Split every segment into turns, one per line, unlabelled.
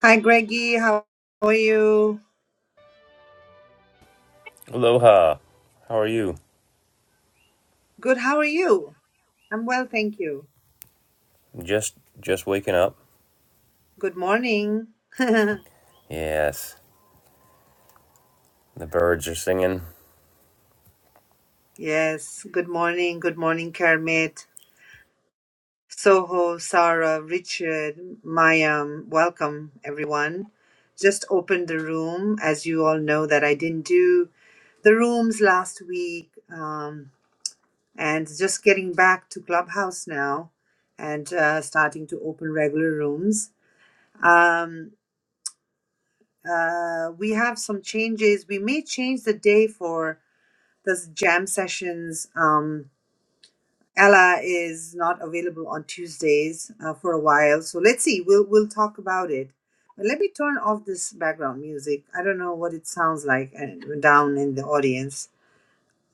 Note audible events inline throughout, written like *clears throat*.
Hi, Greggy. How are you?
Aloha. How are you?
Good. How are you? I'm well, thank you.
Just just waking up?
Good morning.
Yes. The birds are singing.
*laughs* yes, good morning. Good morning, Kermit, Soho, Sarah, Richard, Maya. Welcome, everyone. Just opened the room. As you all know, that I didn't do the rooms last week, um, and just getting back to Clubhouse now and uh, starting to open regular rooms. Um, Uh, we have some changes. We may change the day for the jam sessions. Um, Ella is not available on Tuesdays uh, for a while, so let's see. We'll we'll talk about it. But let me turn off this background music. I don't know what it sounds like uh, down in the audience.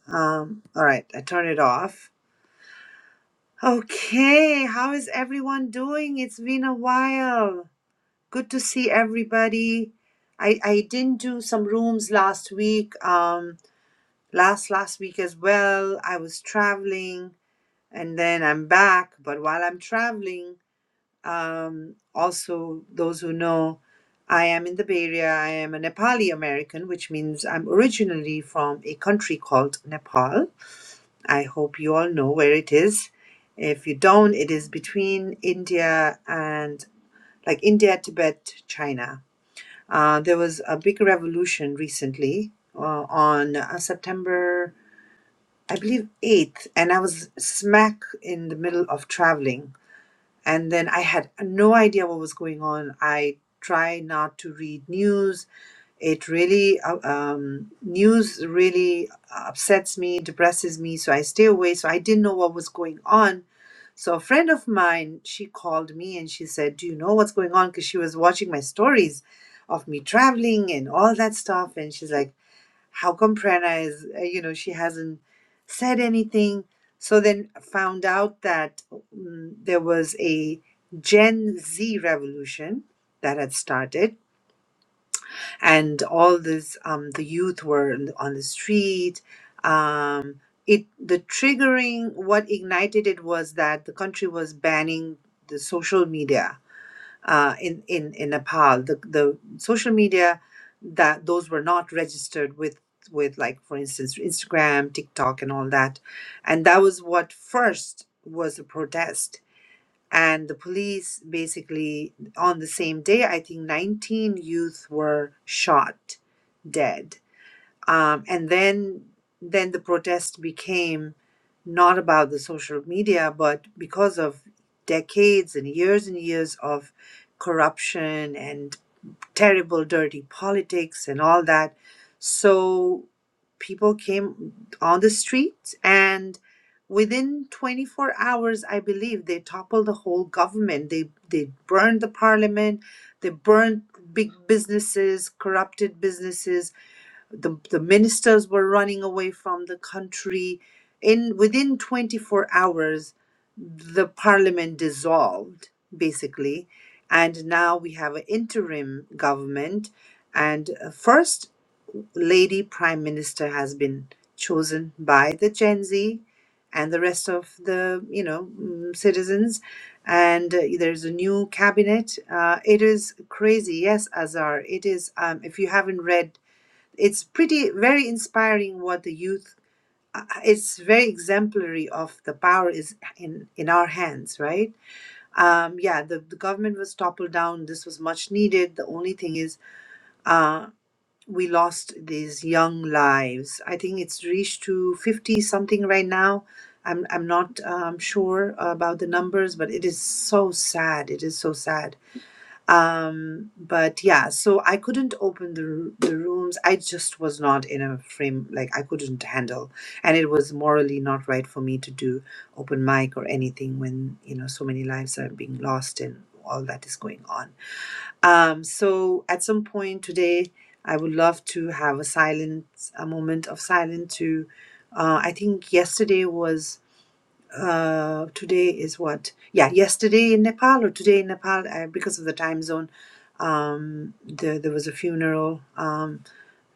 Um, all right, I turn it off. Okay, how is everyone doing? It's been a while. Good to see everybody. I, I didn't do some rooms last week. Um, last last week as well i was traveling and then i'm back but while i'm traveling um, also those who know i am in the bay area i am a nepali american which means i'm originally from a country called nepal i hope you all know where it is if you don't it is between india and like india tibet china uh, there was a big revolution recently uh, on uh, september I believe eighth, and I was smack in the middle of traveling. And then I had no idea what was going on. I try not to read news. It really, uh, um, news really upsets me, depresses me. So I stay away. So I didn't know what was going on. So a friend of mine, she called me and she said, Do you know what's going on? Because she was watching my stories of me traveling and all that stuff. And she's like, how come Prerna is, uh, you know, she hasn't said anything? So then found out that mm, there was a Gen Z revolution that had started, and all this, um, the youth were on the on the street. Um, it the triggering what ignited it was that the country was banning the social media uh, in, in in Nepal. The the social media that those were not registered with with like for instance Instagram, TikTok, and all that, and that was what first was a protest. And the police basically on the same day, I think nineteen youth were shot dead um, and then then the protest became not about the social media but because of decades and years and years of corruption and terrible dirty politics and all that so people came on the streets and within 24 hours i believe they toppled the whole government they they burned the parliament they burned big businesses corrupted businesses the, the ministers were running away from the country in within 24 hours the parliament dissolved basically and now we have an interim government and a first lady prime minister has been chosen by the gen z and the rest of the you know mm, citizens and uh, there's a new cabinet uh, it is crazy yes azar it is um, if you haven't read it's pretty very inspiring what the youth uh, uh, it's very exemplary of the power is in in our hands right um yeah the, the government was toppled down this was much needed the only thing is uh we lost these young lives i think it's reached to 50 something right now i'm i'm not um, sure about the numbers but it is so sad it is so sad um but yeah so i couldn't open the r- the rooms i just was not in a frame like i couldn't handle and it was morally not right for me to do open mic or anything when you know so many lives are being lost and all that is going on um so at some point today i would love to have a silent a moment of silence to uh i think yesterday was uh, today is what? Yeah, yesterday in Nepal or today in Nepal uh, because of the time zone. Um, there, there was a funeral. Um,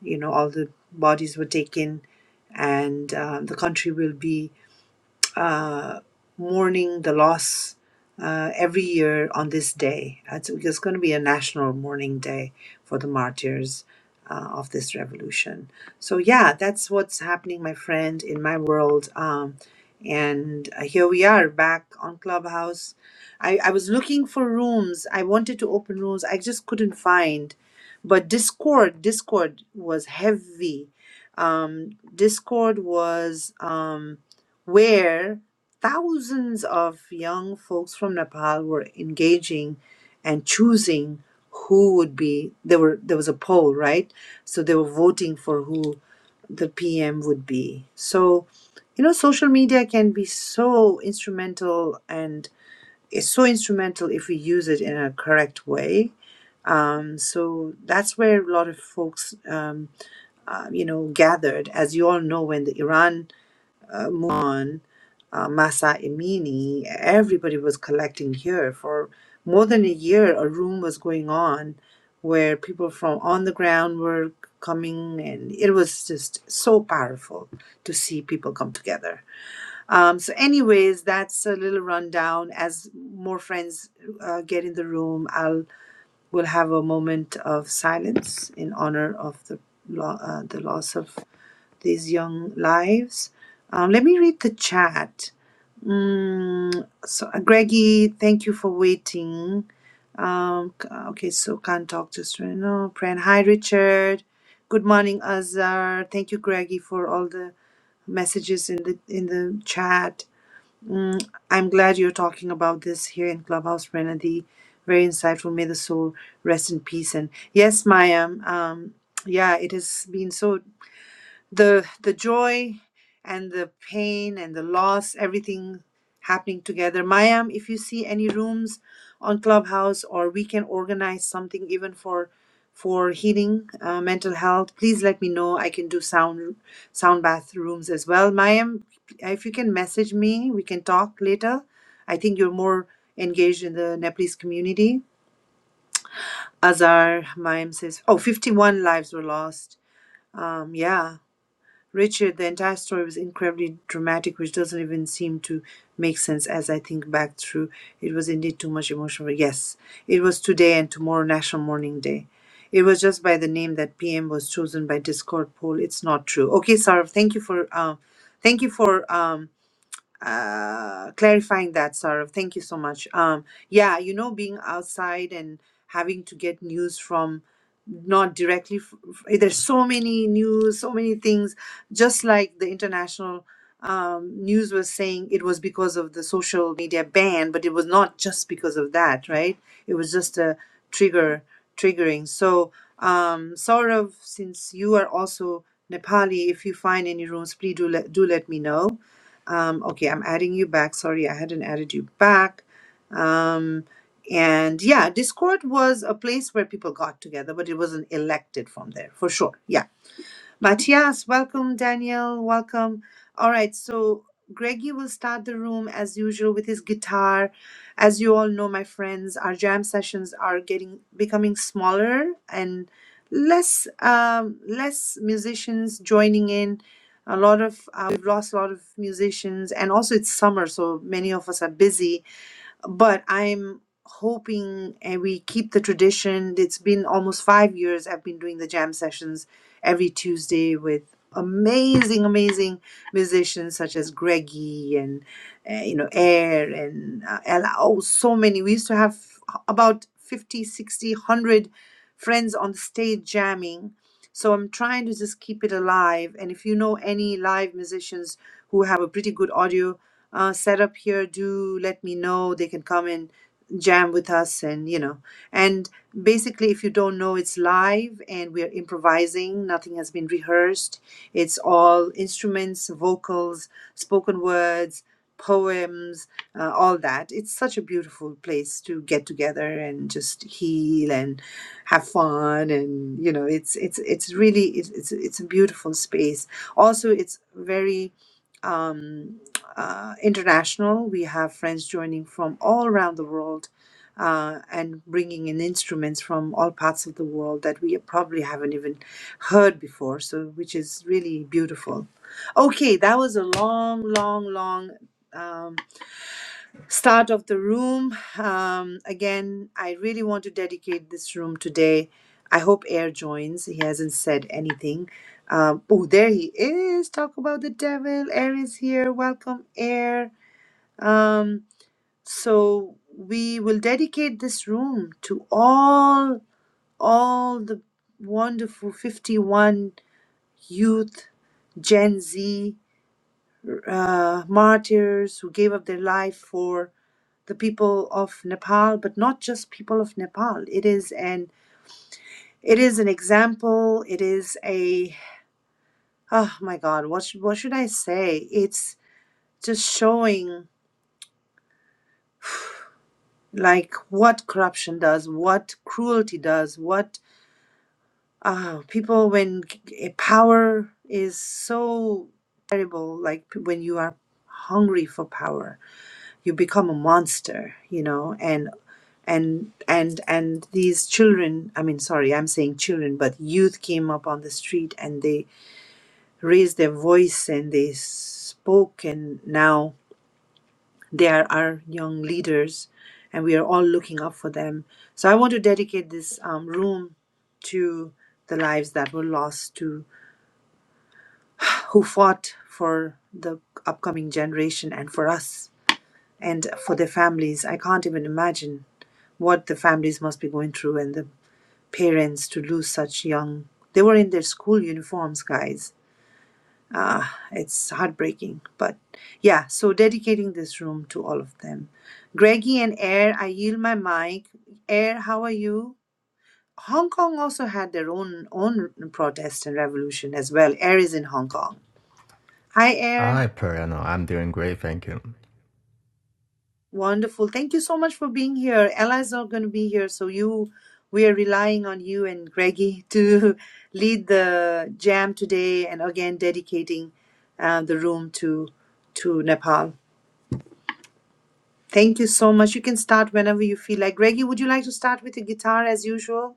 you know, all the bodies were taken, and um, the country will be uh, mourning the loss uh, every year on this day. It's, it's going to be a national mourning day for the martyrs uh, of this revolution. So, yeah, that's what's happening, my friend, in my world. Um, and uh, here we are back on Clubhouse. I, I was looking for rooms. I wanted to open rooms. I just couldn't find. But Discord, Discord was heavy. Um, Discord was. Um, where thousands of young folks from Nepal were engaging and choosing who would be there were there was a poll right so they were voting for who the pm would be so you know social media can be so instrumental and it's so instrumental if we use it in a correct way um, so that's where a lot of folks um, uh, you know gathered as you all know when the iran uh, Mon, uh, Masa Emini, everybody was collecting here for more than a year. A room was going on where people from on the ground were coming, and it was just so powerful to see people come together. Um, so, anyways, that's a little rundown. As more friends uh, get in the room, I'll we'll have a moment of silence in honor of the lo- uh, the loss of these young lives. Um, let me read the chat. Mm, so, uh, Greggy, thank you for waiting. Um, c- okay, so can't talk to Serena. Pran, hi, Richard. Good morning, Azar. Thank you, Greggy, for all the messages in the in the chat. Mm, I'm glad you're talking about this here in Clubhouse, Pranadi. Very insightful. May the soul rest in peace. And yes, Maya. Um, yeah, it has been so the the joy and the pain and the loss everything happening together mayam if you see any rooms on clubhouse or we can organize something even for for healing uh, mental health please let me know i can do sound sound bath rooms as well mayam if you can message me we can talk later i think you're more engaged in the nepalese community azar mayam says oh 51 lives were lost um yeah Richard, the entire story was incredibly dramatic, which doesn't even seem to make sense as I think back through. It was indeed too much emotion. yes, it was today and tomorrow National Mourning Day. It was just by the name that PM was chosen by Discord poll. It's not true. Okay, Sarv, thank you for um, thank you for um, uh clarifying that Sarah. Thank you so much. Um yeah, you know being outside and having to get news from not directly f- f- eh, there's so many news, so many things just like the international um, news was saying it was because of the social media ban, but it was not just because of that, right? It was just a trigger triggering. So um Saurav, since you are also Nepali, if you find any rooms, please do let do let me know um, okay, I'm adding you back. Sorry, I hadn't added you back. Um, and yeah, Discord was a place where people got together, but it wasn't elected from there for sure. Yeah. But yes, welcome, Daniel. Welcome. All right, so Greggy will start the room as usual with his guitar. As you all know, my friends, our jam sessions are getting becoming smaller and less um, less musicians joining in. A lot of uh, we've lost a lot of musicians, and also it's summer, so many of us are busy but I'm hoping and we keep the tradition. It's been almost five years I've been doing the jam sessions every Tuesday with amazing, amazing musicians such as Greggy and uh, you know Air and uh, Ella. Oh, so many. We used to have about 50, sixty, one hundred friends on stage jamming. So I'm trying to just keep it alive. And if you know any live musicians who have a pretty good audio, uh, set up here, do let me know. They can come and jam with us, and you know. And basically, if you don't know, it's live and we are improvising. Nothing has been rehearsed. It's all instruments, vocals, spoken words, poems, uh, all that. It's such a beautiful place to get together and just heal and have fun, and you know, it's it's it's really it's it's, it's a beautiful space. Also, it's very. Um, uh, international. We have friends joining from all around the world uh, and bringing in instruments from all parts of the world that we probably haven't even heard before, so which is really beautiful. Okay, that was a long, long, long. Um, start of the room. Um, again, I really want to dedicate this room today. I hope Air joins. He hasn't said anything. Um, oh, there he is. Talk about the devil. Air is here. Welcome, Air. Um, so we will dedicate this room to all all the wonderful 51 youth, Gen Z uh, martyrs who gave up their life for the people of Nepal, but not just people of Nepal. It is an it is an example. It is a oh my God, what should, what should I say? It's just showing like what corruption does, what cruelty does, what Ah, people when c- c- power is so terrible, like p- when you are hungry for power, you become a monster, you know, and and and and these children i mean sorry i'm saying children but youth came up on the street and they raised their voice and they spoke and now they are our young leaders and we are all looking up for them so i want to dedicate this um, room to the lives that were lost to who fought for the upcoming generation and for us and for their families. I can't even imagine what the families must be going through and the parents to lose such young. They were in their school uniforms, guys. Ah, it's heartbreaking. But yeah, so dedicating this room to all of them. Greggy and Air, I yield my mic. Air, how are you? Hong Kong also had their own own protest and revolution as well. Air is in Hong Kong. Hi, Air.
Hi, Piano. I'm doing great, thank you.
Wonderful. Thank you so much for being here. Ella's not going to be here, so you we are relying on you and Greggy to *laughs* lead the jam today and again dedicating uh, the room to to Nepal. Thank you so much. You can start whenever you feel like. Greggy, would you like to start with the guitar as usual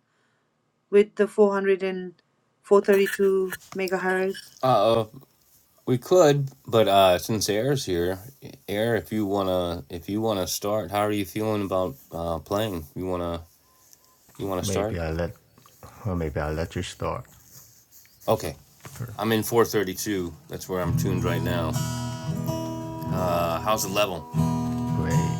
with the four hundred and four thirty two megahertz?
Uh, we could, but uh, since Air's here, Air, if you wanna, if you wanna start, how are you feeling about uh, playing? You wanna, you wanna start?
Maybe I let, or maybe I let you start
Okay,
first.
I'm in 432. That's where I'm tuned right now. Uh, how's the level?
Great.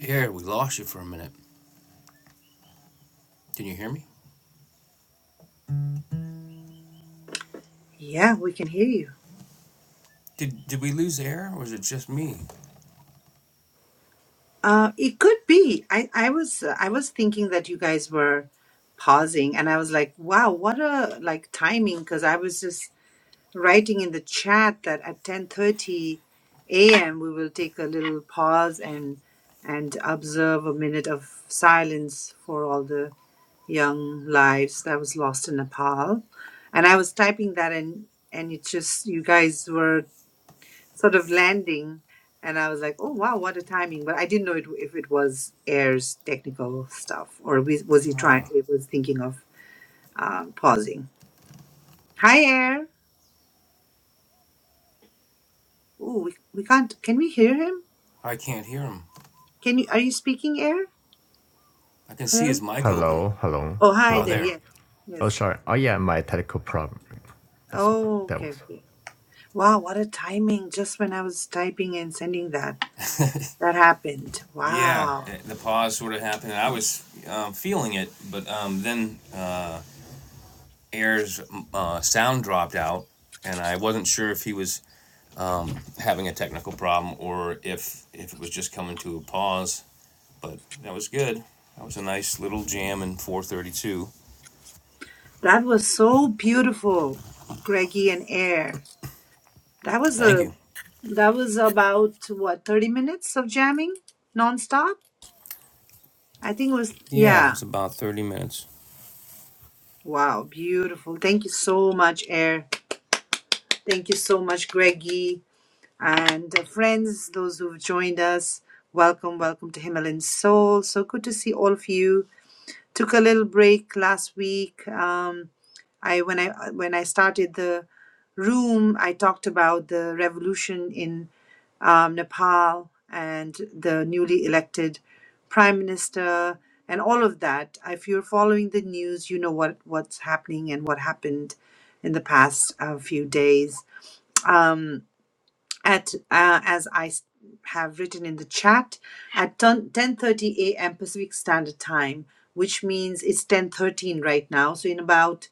Air, we lost you for a minute. Can you hear me?
Yeah, we can hear you.
Did did we lose Air, or is it just me?
Uh, it could be. I, I was I was thinking that you guys were pausing, and I was like, "Wow, what a like timing!" Because I was just writing in the chat that at ten thirty a.m. we will take a little pause and and observe a minute of silence for all the young lives that was lost in Nepal, and I was typing that and and it just you guys were sort of landing and i was like oh wow what a timing but i didn't know it, if it was air's technical stuff or was was he trying
Ah,
it was thinking of um, pausing hi air oh we, we can't can we hear him
I can't hear him.
can you are you speaking air
I can see his
hello
mic open.
Hello, hello,
oh hi
Ah,
there
hello.
there.
yes
Oh,
yes
sorry. Oh, yeah, my technical problem. That's
oh
that
okay
was.
okay. wow what a timing just when i was typing and sending that that happened
Yeah,
wow
eh, the pause sort of happened. I was um, feeling it, but um, then uh, Air's uh, sound dropped out, and I wasn't sure if he was having a technical problem or if if it was just coming to a pause. But that was good. That was a nice little jam in 4:32.
that was so beautiful greggy and air that was
Thank
a
you.
That was about what, 30 minutes of jamming nonstop? I think it was,
Yeah, it
yeah.
was about 30 minutes.
Wow, beautiful. Thank you so much, Air. Thank you so much, Greggy. And uh, friends, those who've joined us, welcome, welcome to Himalayan Soul. So good to see all of you. Took a little break last week. Um, I when I when I started the room, I talked about the revolution in um, Nepal and the newly elected prime minister and all of that. If you're following the news, you know what, what's happening and what happened in the past uh, few days. Um, at uh, as I s- have written in the chat, at 10:30 a.m. Pacific Standard Time, which means it's 10:13 right now. So in about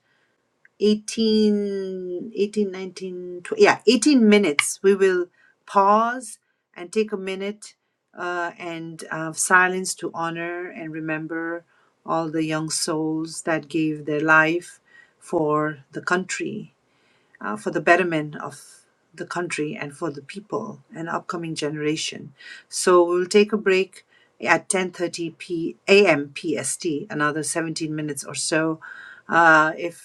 18, 18 19 tw- yeah 18 minutes we will pause and take a minute uh, and uh, silence to honor and remember all the young souls that gave their life for the country uh, for the betterment of the country and for the people and upcoming generation so we'll take a break at 10:30 p.m. pst another 17 minutes or so uh, if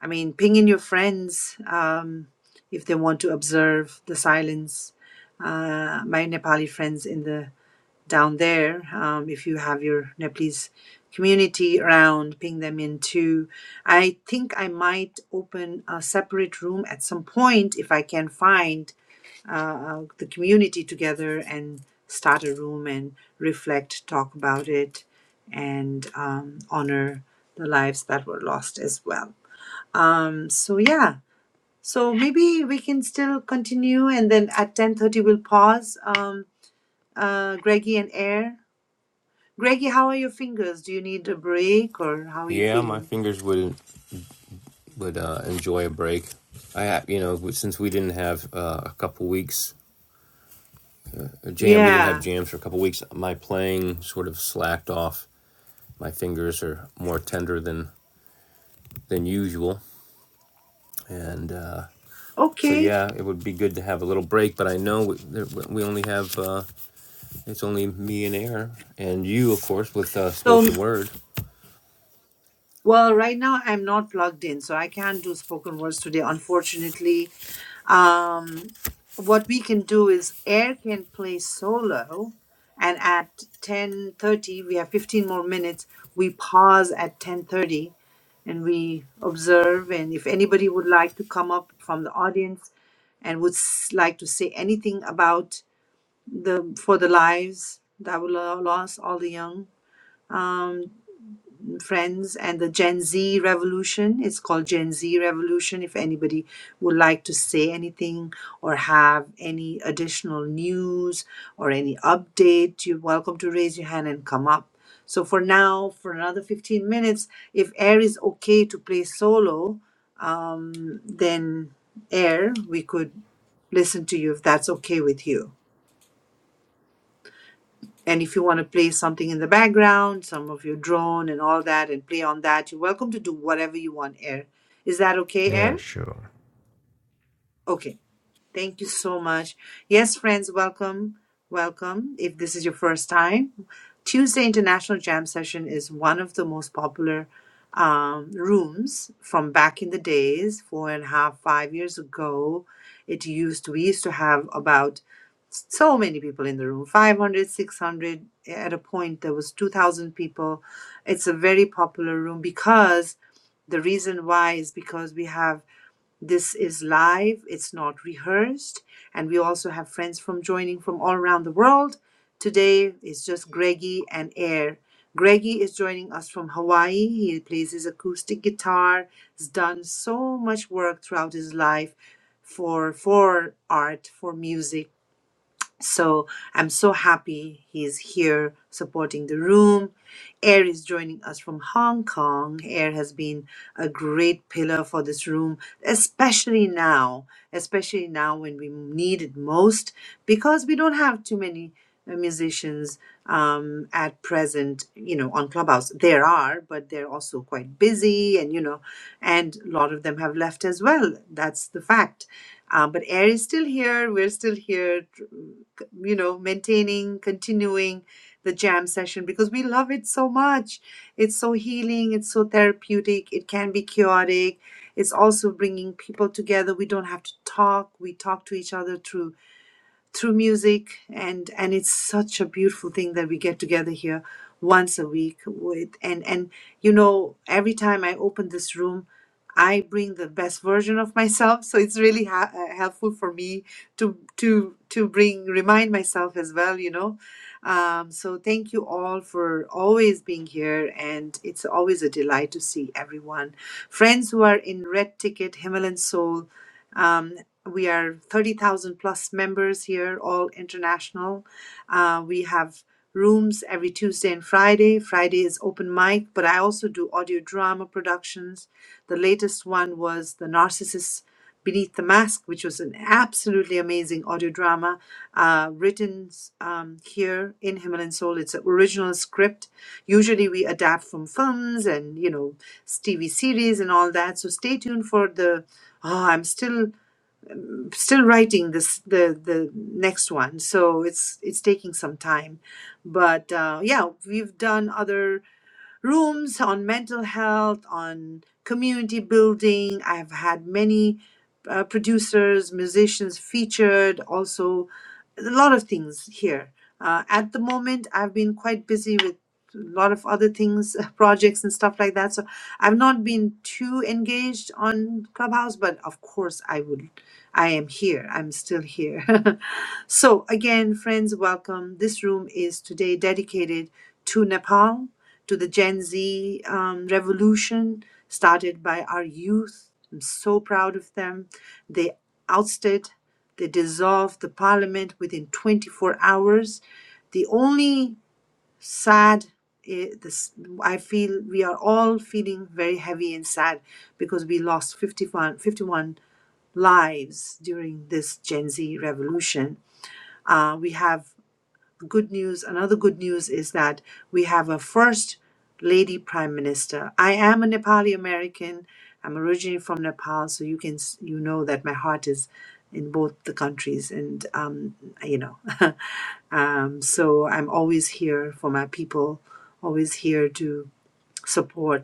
I mean, ping in your friends um, if they want to observe the silence. Uh, my Nepali friends in the down there, um, if you have your Nepalese community around, ping them in too. I think I might open a separate room at some point if I can find uh, the community together and start a room and reflect, talk about it, and um, honor the lives that were lost as well um so yeah so maybe we can still continue and then at 10.30 we'll pause um uh greggy and air greggy how are your fingers do you need a break or how are you
Yeah, my
feeling
fingers would would uh, enjoy a break. I you know since we didn't have uh, a couple weeks jam. We didn't have
yeah
jams for a couple weeks. My playing sort of slacked off. My fingers are more tender than than usual, and uh, so
okay
yeah, it would be good to have a little break. But I know we, we only have uh, it's only me and air, and you, of course, with uh,
so
spoken word.
well right now i'm not plugged in so i can't do spoken words today unfortunately um, what we can do is air can play solo and at 10.30 we have 15 more minutes we pause at 10.30 and we observe and if anybody would like to come up from the audience and would s- like to say anything about the for the lives that were lo- lost all the young um, friends and the Gen Z revolution. It's called Gen Z revolution. If anybody would like to say anything or have any additional news or any update, you're welcome to raise your hand and come up. So for now, for another 15 minutes, if Air is okay to play solo, um, then Air, we could listen to you if that's okay with you. And if you want to play something in the background, some of your drone and all that, and play on that, you're welcome to do whatever you want, Air. Is that okay, Air?
Yeah, sure.
Okay. Thank you so much. Yes, friends, welcome. Welcome. If this is your first time, Tuesday International Jam Session is one of the most popular um, rooms from back in the days, four and a half, five years ago. It used we used to have about so many people in the room 500, 600. at a point there was 2000 people it's a very popular room because the reason why is because we have this is live, it's not rehearsed, and we also have friends from joining from all around the world. Today it's just Greggy and Air. Greggy is joining us from Hawaii. He plays his acoustic guitar. He's done so much work throughout his life for for art, for music so I'm so happy he's here supporting the room. Air is joining us from Hong Kong. Air has been a great pillar for this room, especially now, especially now when we need it most, because we don't have too many uh, musicians um, at present, you know, on Clubhouse. There are, but they're also quite busy, and you know, and a lot of them have left as well. That's the fact. Uh, but Air is still here. We're still here you know, maintaining, continuing the jam session because we love it so much. It's so healing, it's so therapeutic, it can be chaotic. It's also bringing people together. We don't have to talk, we talk to each other through through music and and it's such a beautiful thing that we get together here once a week with and and you know every time i open this room i bring the best version of myself *laughs* so it's really ha- uh, helpful for me to to to bring remind myself as well you know um, so thank you all for always being here and it's always a delight to see everyone friends who are in red ticket himalayan soul um, we are 30,000 plus members here, all international. Uh, we have rooms every Tuesday and Friday. Friday is open mic, but I also do audio drama productions. The latest one was The Narcissist Beneath the Mask, which was an absolutely amazing audio drama uh, written um, here in Himalayan Soul. It's an original script. Usually we adapt from films and, you know, TV series and all that. So stay tuned for the. Oh, I'm still still writing this the the next one so it's it's taking some time but uh, yeah we've done other rooms on mental health, on community building. I've had many uh, producers, musicians featured, also a lot of things here. Uh, at the moment, I've been quite busy with a lot of other things, *laughs* projects and stuff like that. So I've not been too engaged on Clubhouse, but of course, I would. I am here. I'm still here. *laughs* so, again, friends, welcome. This room is today dedicated to Nepal to the Gen Z um, revolution started by our youth. I'm so proud of them. They ousted, they dissolved the parliament within 24 hours. The only sad, eh, this, I feel we are all feeling very heavy and sad because we lost 51, fifty-one lives during this Gen Z revolution. Uh, we have good news, another good news is that we have a first lady prime minister. I am a Nepali American. I'm originally from Nepal, so you can s- you know that my heart is in both the countries, and um, you know, *laughs* um, so I'm always here for my people, always here to support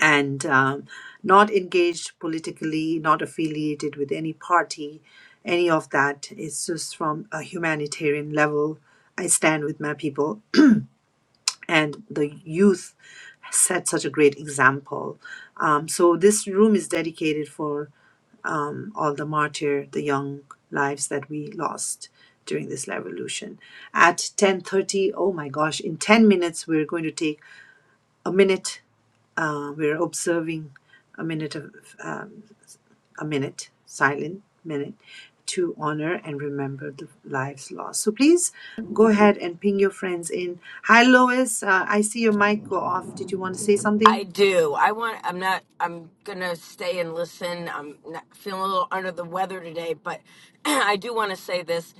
and um, not engaged politically, not affiliated with any party, any of that. It's just from a humanitarian level. I stand with my people, and the youth set such a great example. Um, so this room is dedicated for um, all the martyr, the young lives that we lost during this revolution. At 10:30, oh my gosh, in 10 minutes we're going to take a minute uh, we're observing a minute of um, a minute silent minute to honor and remember the lives lost. So please go ahead and ping your friends in. Hi, Lois. Uh, I see your mic go off. Did you want to say
I
something?
do. I want. I'm not. I'm gonna stay and listen. I'm not, feeling a little under the weather today, but *clears throat* I do want to say this.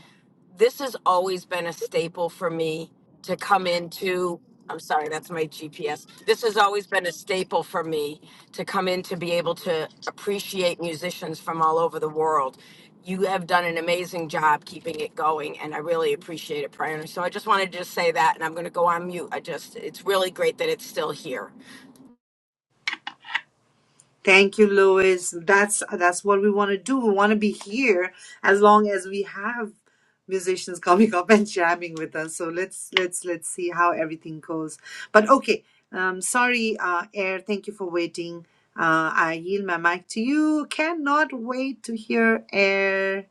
This has always been a staple for me to come into. I'm sorry, that's my GPS. This has always been a staple for me to come in to be able to appreciate musicians from all over the world. You have done an amazing job keeping it going, and I really appreciate it, Prior. So I just wanted to just say that, and I'm going to go on mute. I just, it's really great that it's still here.
Thank you, Louis. That's that's what we want to do. We want to be here as long as we have musicians *laughs* coming up and jamming with us. So let's let's let's see how everything goes. But okay, um, sorry, uh, Air. Thank you for waiting. Uh, I yield my mic to you. Cannot wait to hear Air.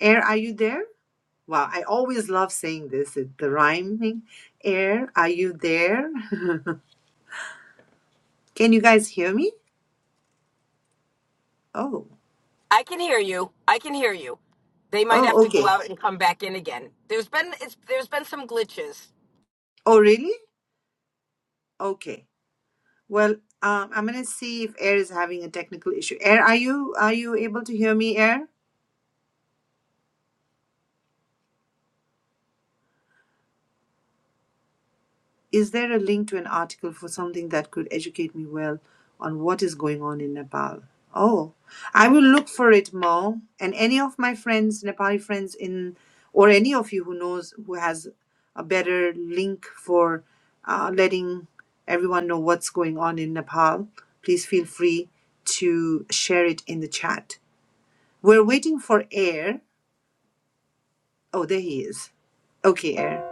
Air, are you there? Wow, I always love saying this. It, the rhyming. Air, are you there? *laughs* Can you guys hear me? Oh,
I can hear you. I can hear you. They might have
oh,
to go
okay.
out and come back in again. There's been it's, there's been some glitches.
Oh, really? Okay. Well, um, I'm gonna see if Air is having a technical issue. Air, are you are you able to hear me, Air? Is there a link to an article for something that could educate me well on what is going on in Nepal? Oh, I will look for it, Mo. And any of my friends, Nepali friends in, or any of you who knows who has a better link for uh, letting everyone know what's going on in Nepal, please feel free to share it in the chat We're waiting for Air. Oh, there he is. Okay, Air.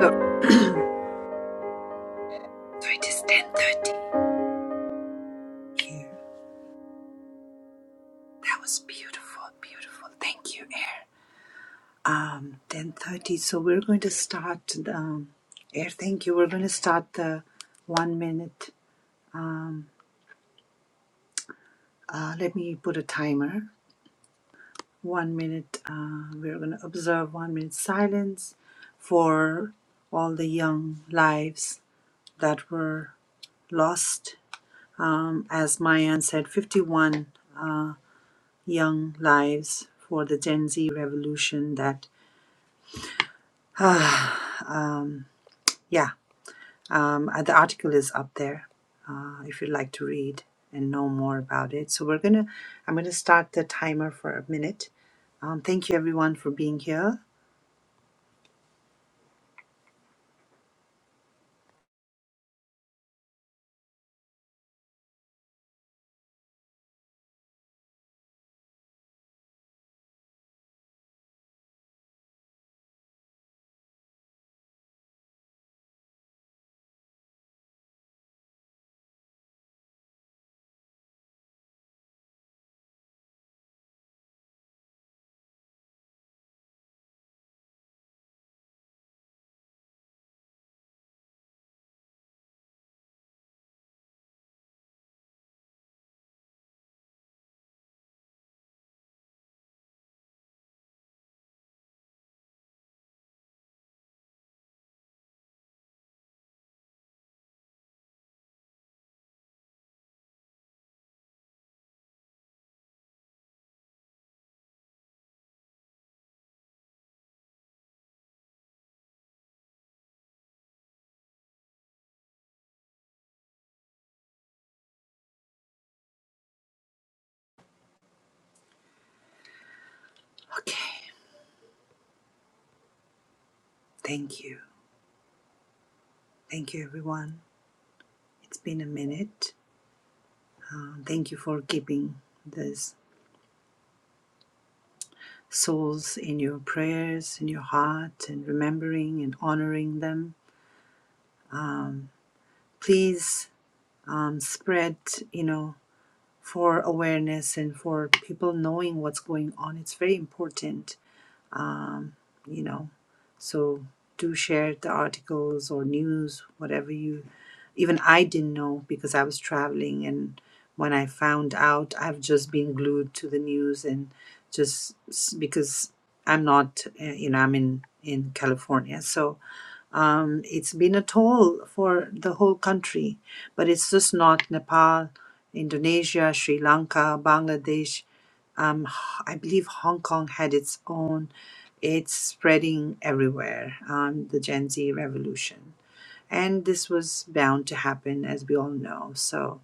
So, so it is ten thirty here. That was beautiful, beautiful. Thank you, Air. Um, ten thirty. So we're going to start. Um, Air, thank you. We're going to start the one minute. Um, uh, let me put a timer. One minute. Uh, we're going to observe one minute silence for all the young lives that were lost. Um, as Mayan said, fifty-one. young lives for the Gen Z revolution. That yeah, um, uh, the article is up there uh, if you'd like to read and know more about it. So we're gonna, I'm gonna start the timer for a minute. Um, thank you everyone for being here. Okay, thank you, thank you everyone. It's been a minute. Um, thank you for keeping these souls in your prayers, in your heart, and remembering and honoring them. Um, please um, spread, you know. for awareness and for people knowing what's going on. It's very important, um, you know. So do share the articles or news, whatever you. Even I didn't know because I was traveling, and when I found out, I've just been glued to the news and just s- because I'm not, uh, you know, I'm in in California, so um, it's been a toll for the whole country, but it's just not Nepal, Indonesia, Sri Lanka, Bangladesh. Um, H- I believe Hong Kong had its own. It's spreading everywhere, um, the Gen Z revolution. And this was bound to happen, as we all know. So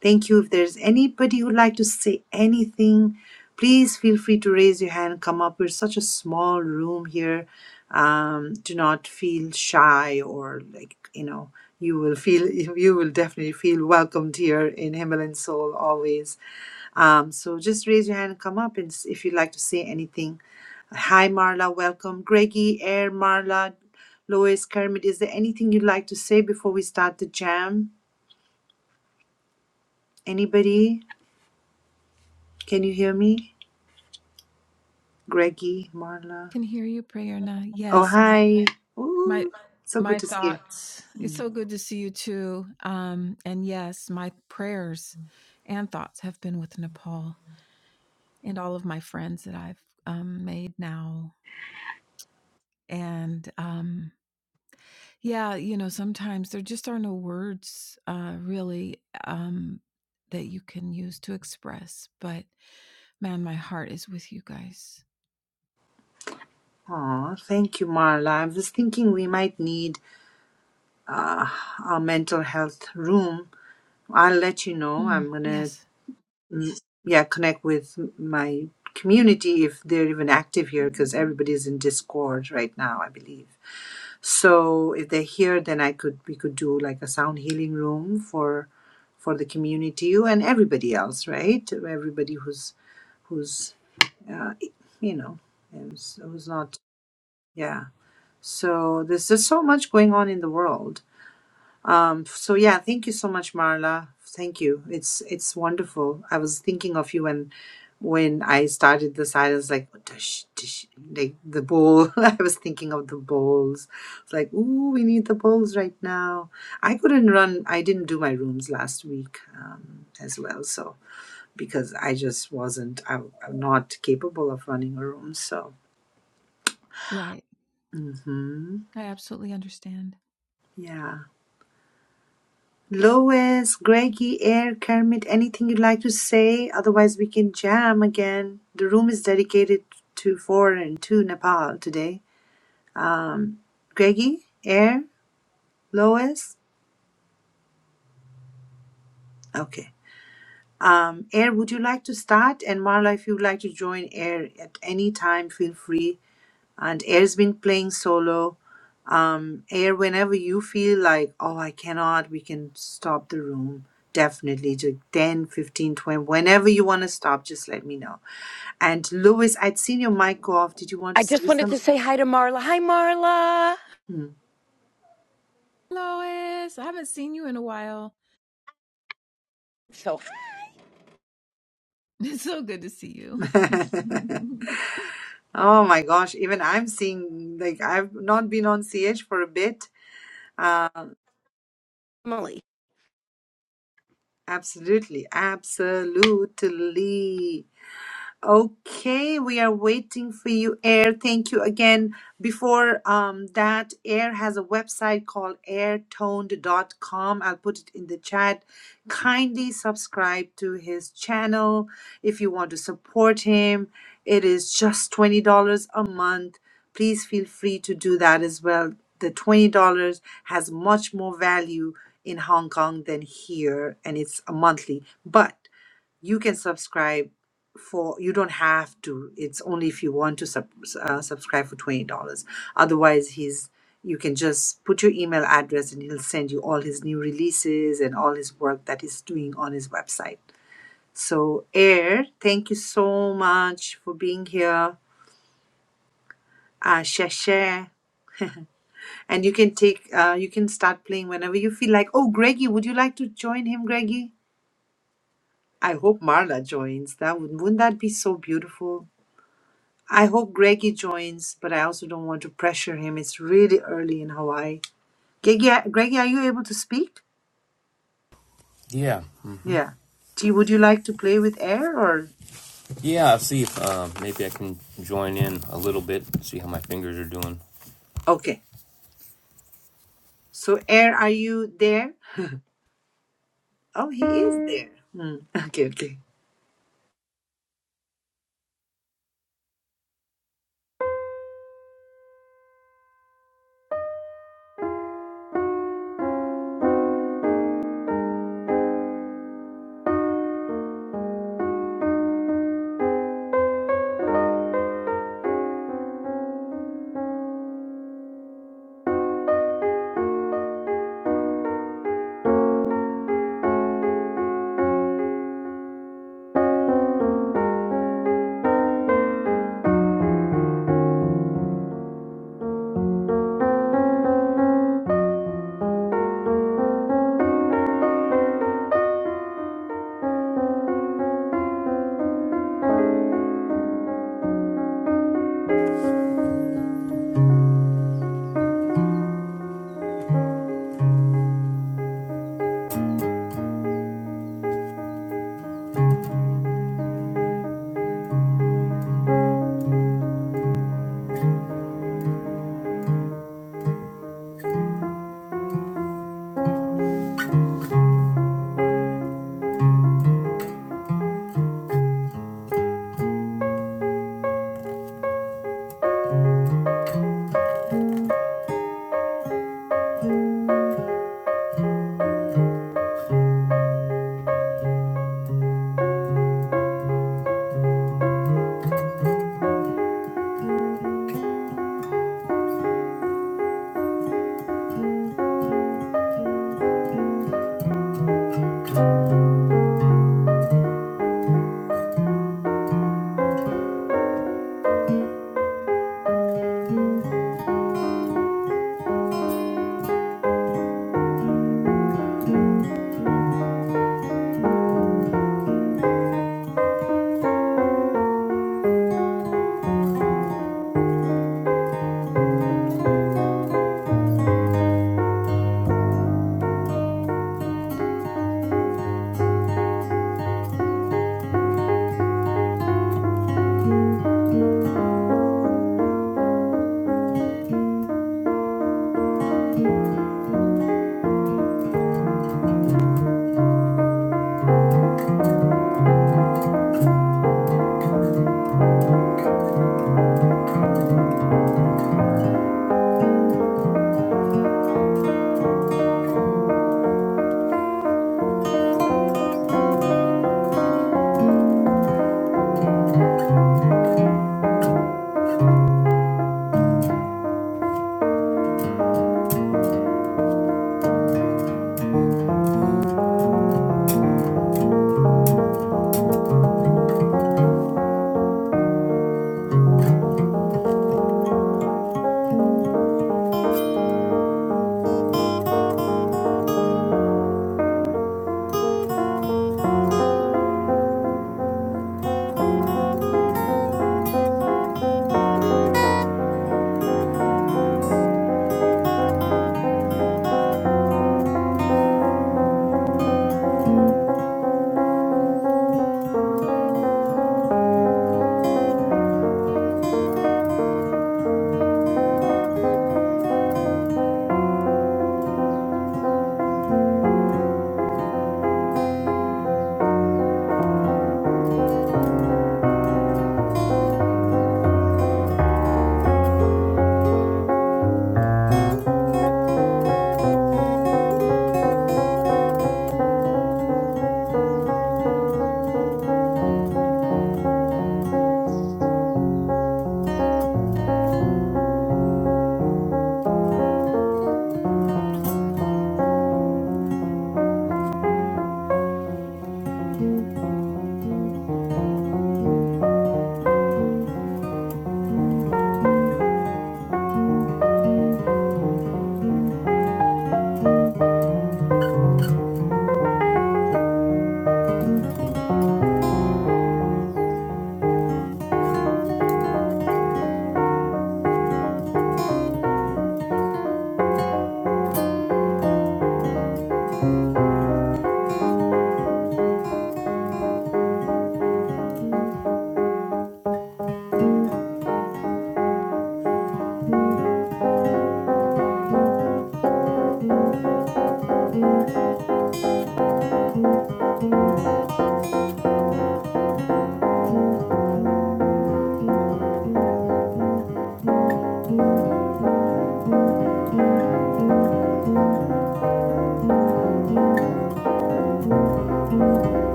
Thank you. If there's anybody who'd like to say anything, please feel free to raise your hand, come up. We're such a small room here. Um, do not feel shy or like, you know, you will feel, *laughs* you will definitely feel welcomed here in Himalayan Soul always. Um, so just raise your hand, come up, and s- if you'd like to say anything. Hi, Marla, welcome. Greggy, Air, Marla, Lois, Kermit, is there anything you'd like to say before we start the jam? Anybody? Can you hear me? Greggy, Marla.
Can hear you, Prayerna.
Oh,
Yes, my
hi.
my
Ooh, so good
my
to see
thoughts. It's
you.
so good to see you too. Um, and yes, my prayers and thoughts have been with Nepal and all of my friends that I've um, made now. And um, yeah, you know, sometimes there just are no words uh, really um, that you can use to express. But man, my heart is with you guys.
Oh, thank you, Marla. I was thinking we might need uh, a mental health room. I'll let you know.
Mm,
I'm gonna,
yes,
mm, yeah, connect with m- my community if they're even active here because everybody's in Discord right now, I believe. So if they're here, then I could we could do like a sound healing room for for the community you and everybody else, right? Everybody who's who's Yeah, it- you know, it was, it was not, yeah. So there's just so much going on in the world. Um, so yeah, thank you so much, Marla. Thank you. It's it's wonderful. I was thinking of you when when I started this. I was like, "Tush, tush," like the bowl. *laughs* I was thinking of the bowls. It's like, ooh, we need the bowls right now. I couldn't run. I didn't do my rooms last week um, as well. So because I just wasn't, I, I'm not capable of running a room. So
right.
Mm-hmm.
I absolutely understand.
Yeah. Lois, Greggy, Air, Kermit, anything you'd like to say? Otherwise, we can jam again. The room is dedicated to foreign, to Nepal today. Um, Greggy, Air, Lois? Okay. Um, Air, would you like to start? And Marla, if you'd like to join Air at any time, feel free. and air's been playing solo um air whenever you feel like oh i cannot we can stop the room definitely to 10, 15, 20. whenever you want to stop just let me know and lewis i'd seen your mic go off did you want to
I
say
just wanted to
something
say hi to Marla. Hi Marla.
Hmm.
Lois, I haven't seen you in a while.
So
It's so good to see you. *laughs*
*laughs* oh my gosh even i'm seeing like i've not been on ch for a bit
Emily.
absolutely absolutely Okay, we are waiting for you, Air. Thank you again. Before um, that, Air has a website called airtoned.com. I'll put it in the chat. Kindly subscribe to his channel if you want to support him. It is just $20 a month. Please feel free to do that as well. The $20 has much more value in Hong Kong than here, and it's a monthly. But you can subscribe for you don't have to it's only if you want to sub, uh, subscribe for $20 otherwise he's you can just put your email address and he'll send you all his new releases and all his work that he's doing on his website so air thank you so much for being here uh share share and you can take uh, you can start playing whenever you feel like oh greggy would you like to join him greggy i hope marla joins that would wouldn't that be so beautiful I hope Greggy joins, but I also don't want to pressure him. It's really early in Hawaii. Greggy, Greggy, are you able to speak?
Yeah,
Yeah. Do you, would you like to play with Air or?
yeah. I'll see if uh, maybe I can join in a little bit, see how my fingers are doing.
Okay. So Air, are you there? Oh, he is there. Hmm. *laughs* Okay, okay.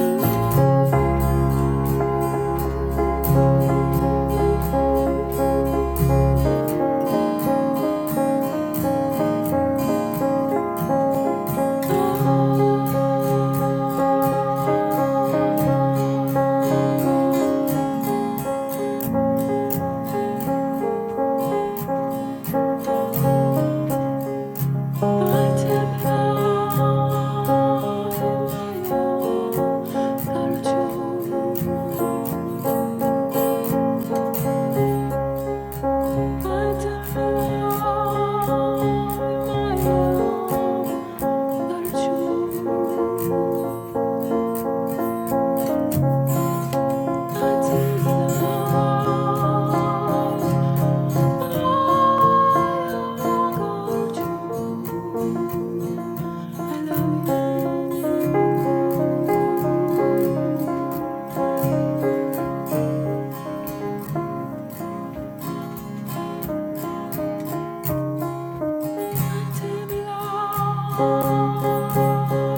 Ooh, oh, my Temla, my own cartoon. My time, Lord, my own, are true. My time, Lord, my own, are true. I love you. My time,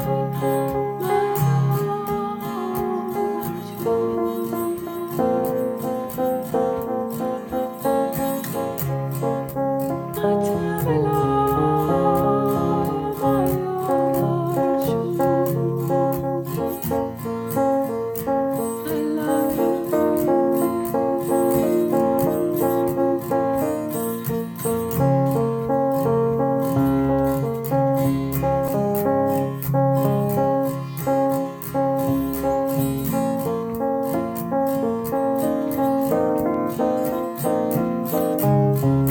Lord. My dog are you. My Tamala, my dog are you. I love you.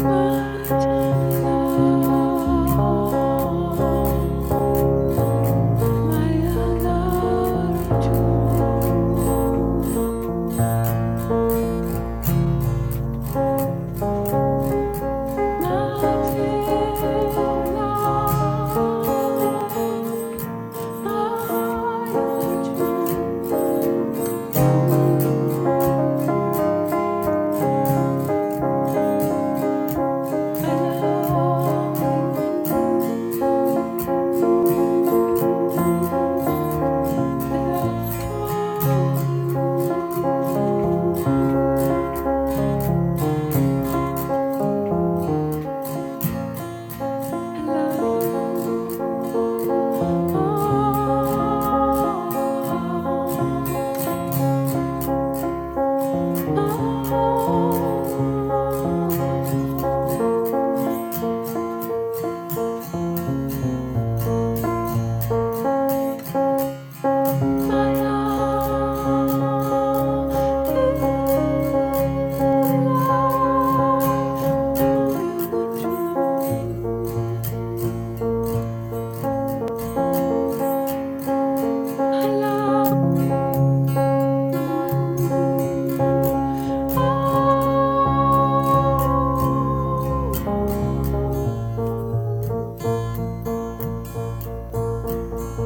My Tamala, my dog are you. Matin light, Feiergar I love you. I love you. I love you. Oh, oh, my love, till I know you go true. I Ooh, oh,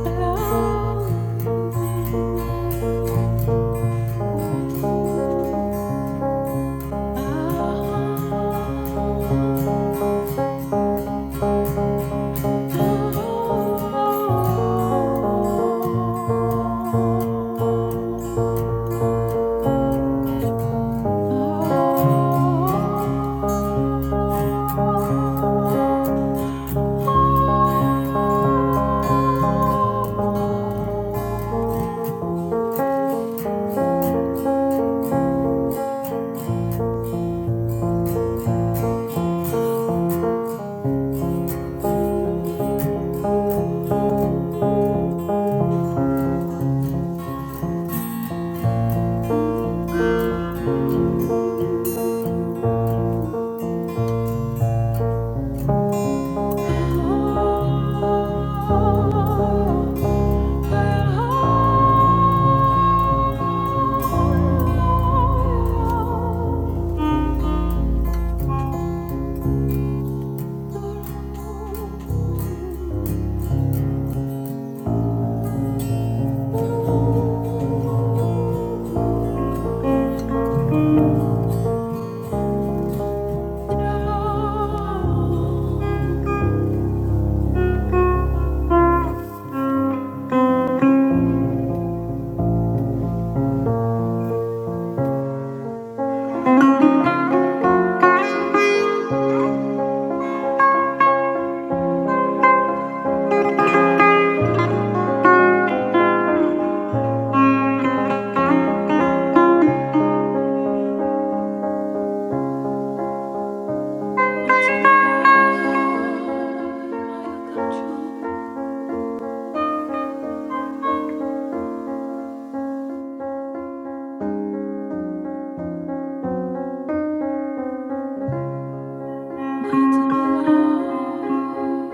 I love you. Ah, oh. Matemilai, Maya Karchu, Matemilai.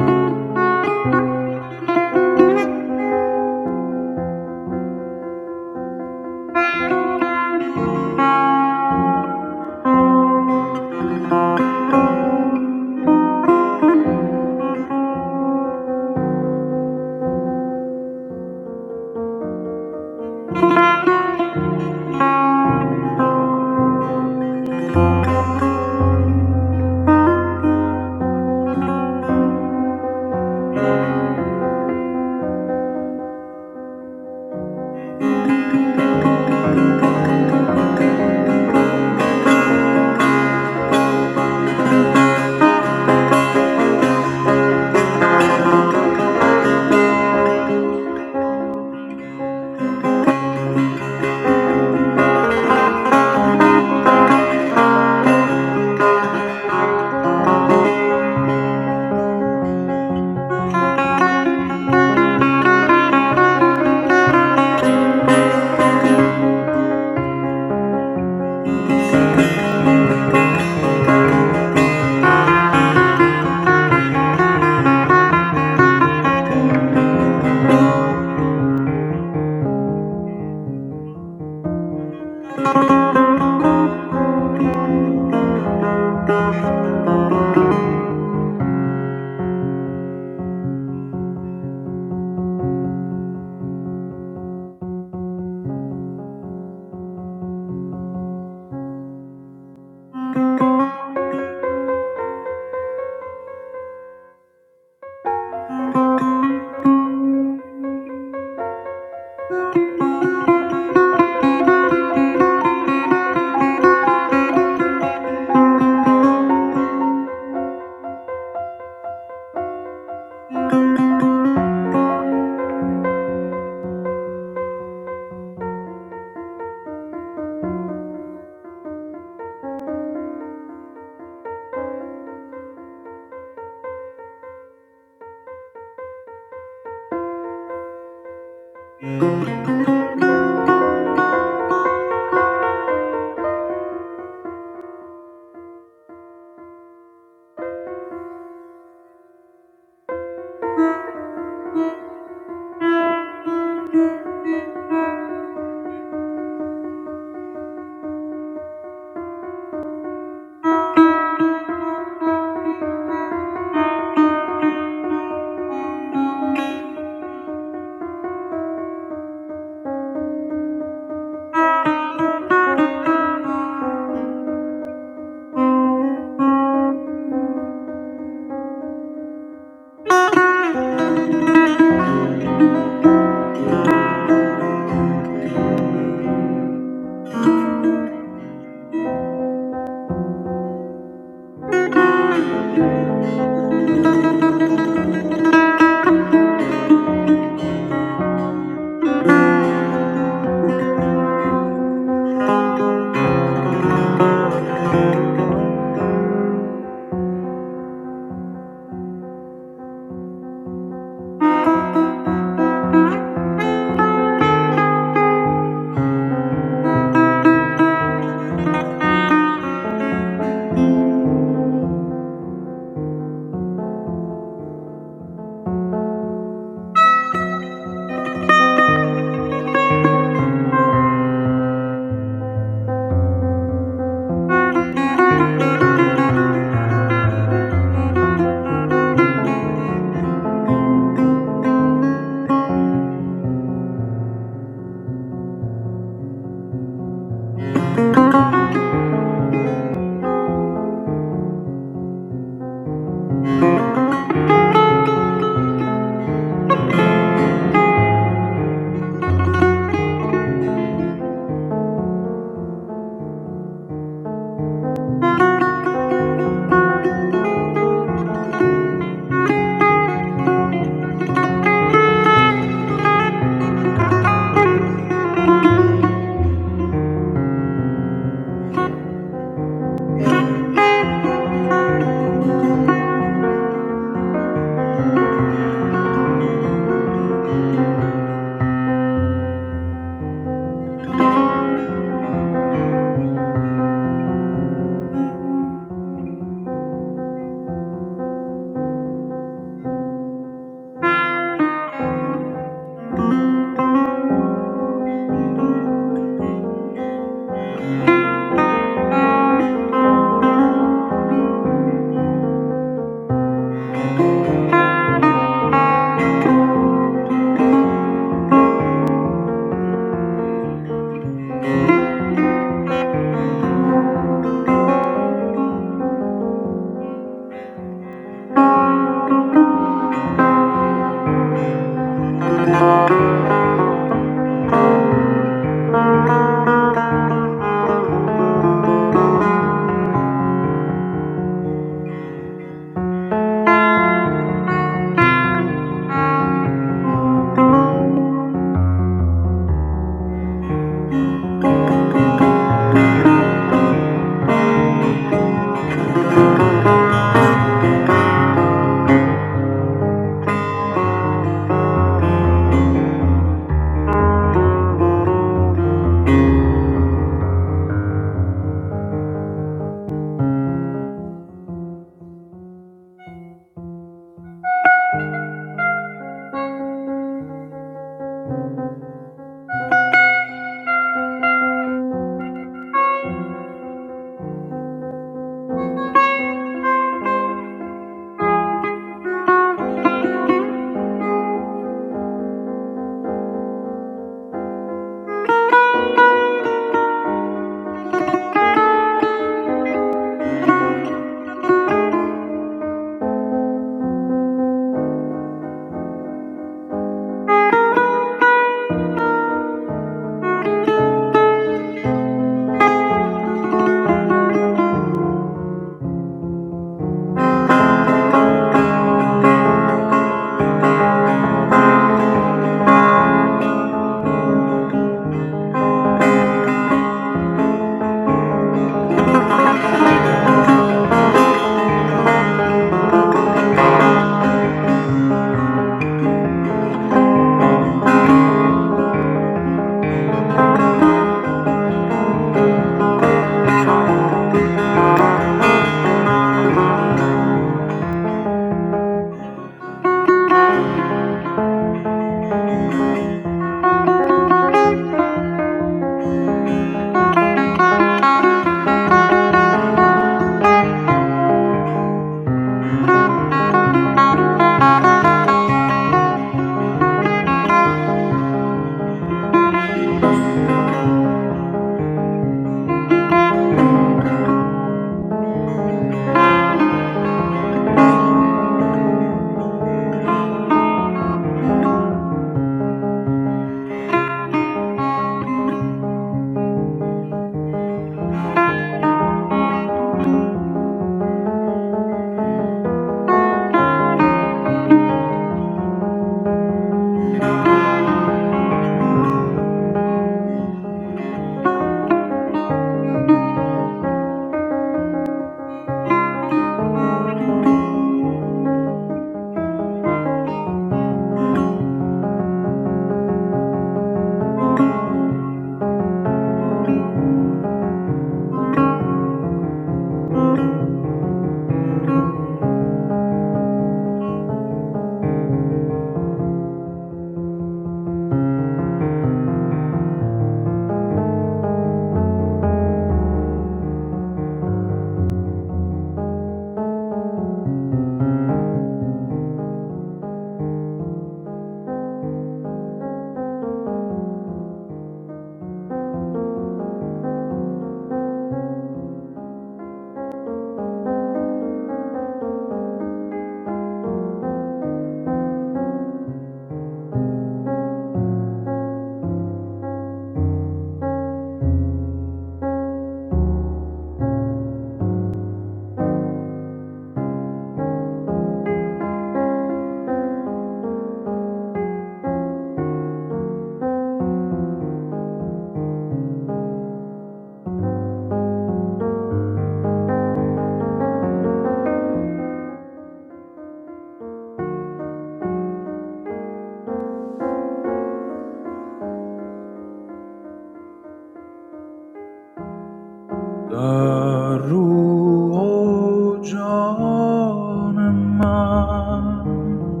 در روح و جان من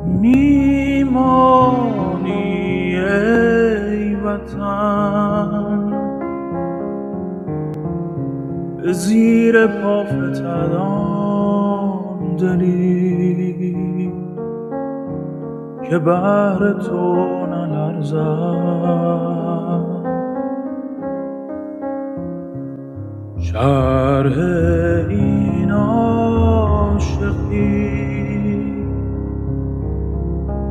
میمانی ای وطن زیر پا فتدان دلی که بهر تو نلرزم شرح این عاشقی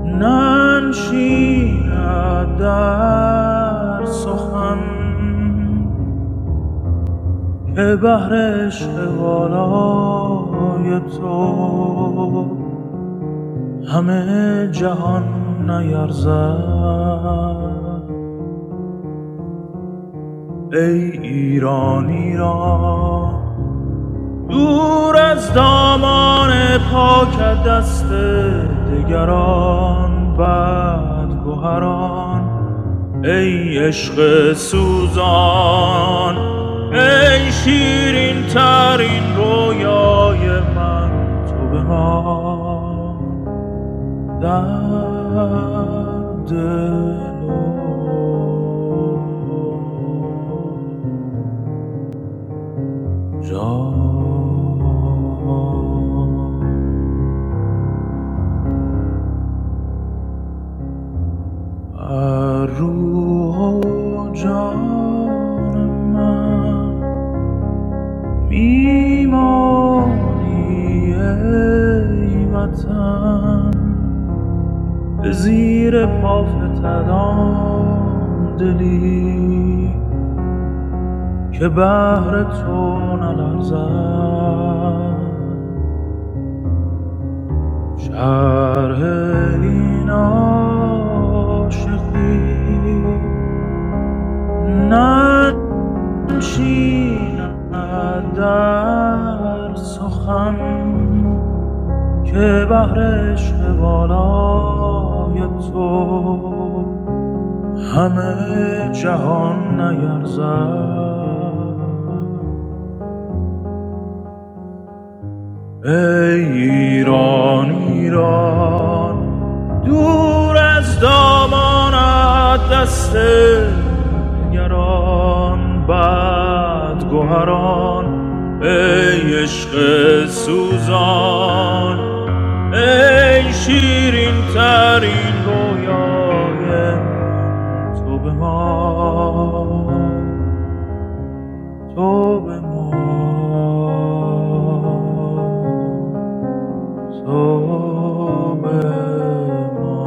ننشیند در سخن که بهر عشق والای تو همه جهان نیرزد ای ایران ایران دور از دامان پاک دست دگران بد گهران ای عشق سوزان ای شیرین ترین رویای من تو بمان در دل و جا روح و جان من میمانی ای وطن زیر پافتدان دلی که بهر تو نلرزد شرح این عاشقی ننشیند در سخن که بهر عشق بالای تو همه جهان نیرزد ای ایران ایران دور از دامانت دست دگران بد گوهران ای عشق سوزان ای شیرین ترین رویای من تو به ما تو به ما Tobe mo.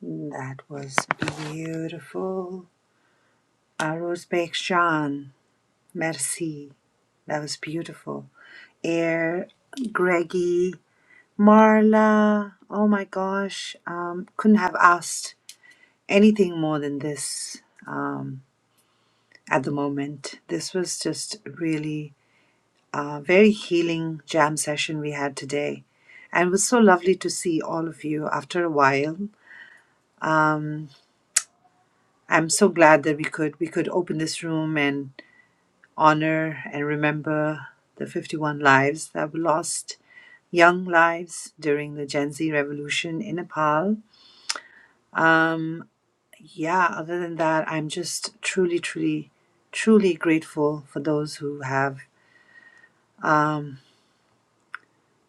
That was beautiful. Aruzbek Sean, merci. That was beautiful. Air, Greggy, Marla. Oh my gosh. Um, couldn't have asked anything more than this um, at the moment. This was just really a very healing jam session we had today. And it was so lovely to see all of you after a while. Um, I'm so glad that we could we could open this room and honor and remember the 51 lives that were lost, young lives during the Gen Z revolution in Nepal. Um, yeah, other than that, I'm just truly, truly, truly grateful for those who have um,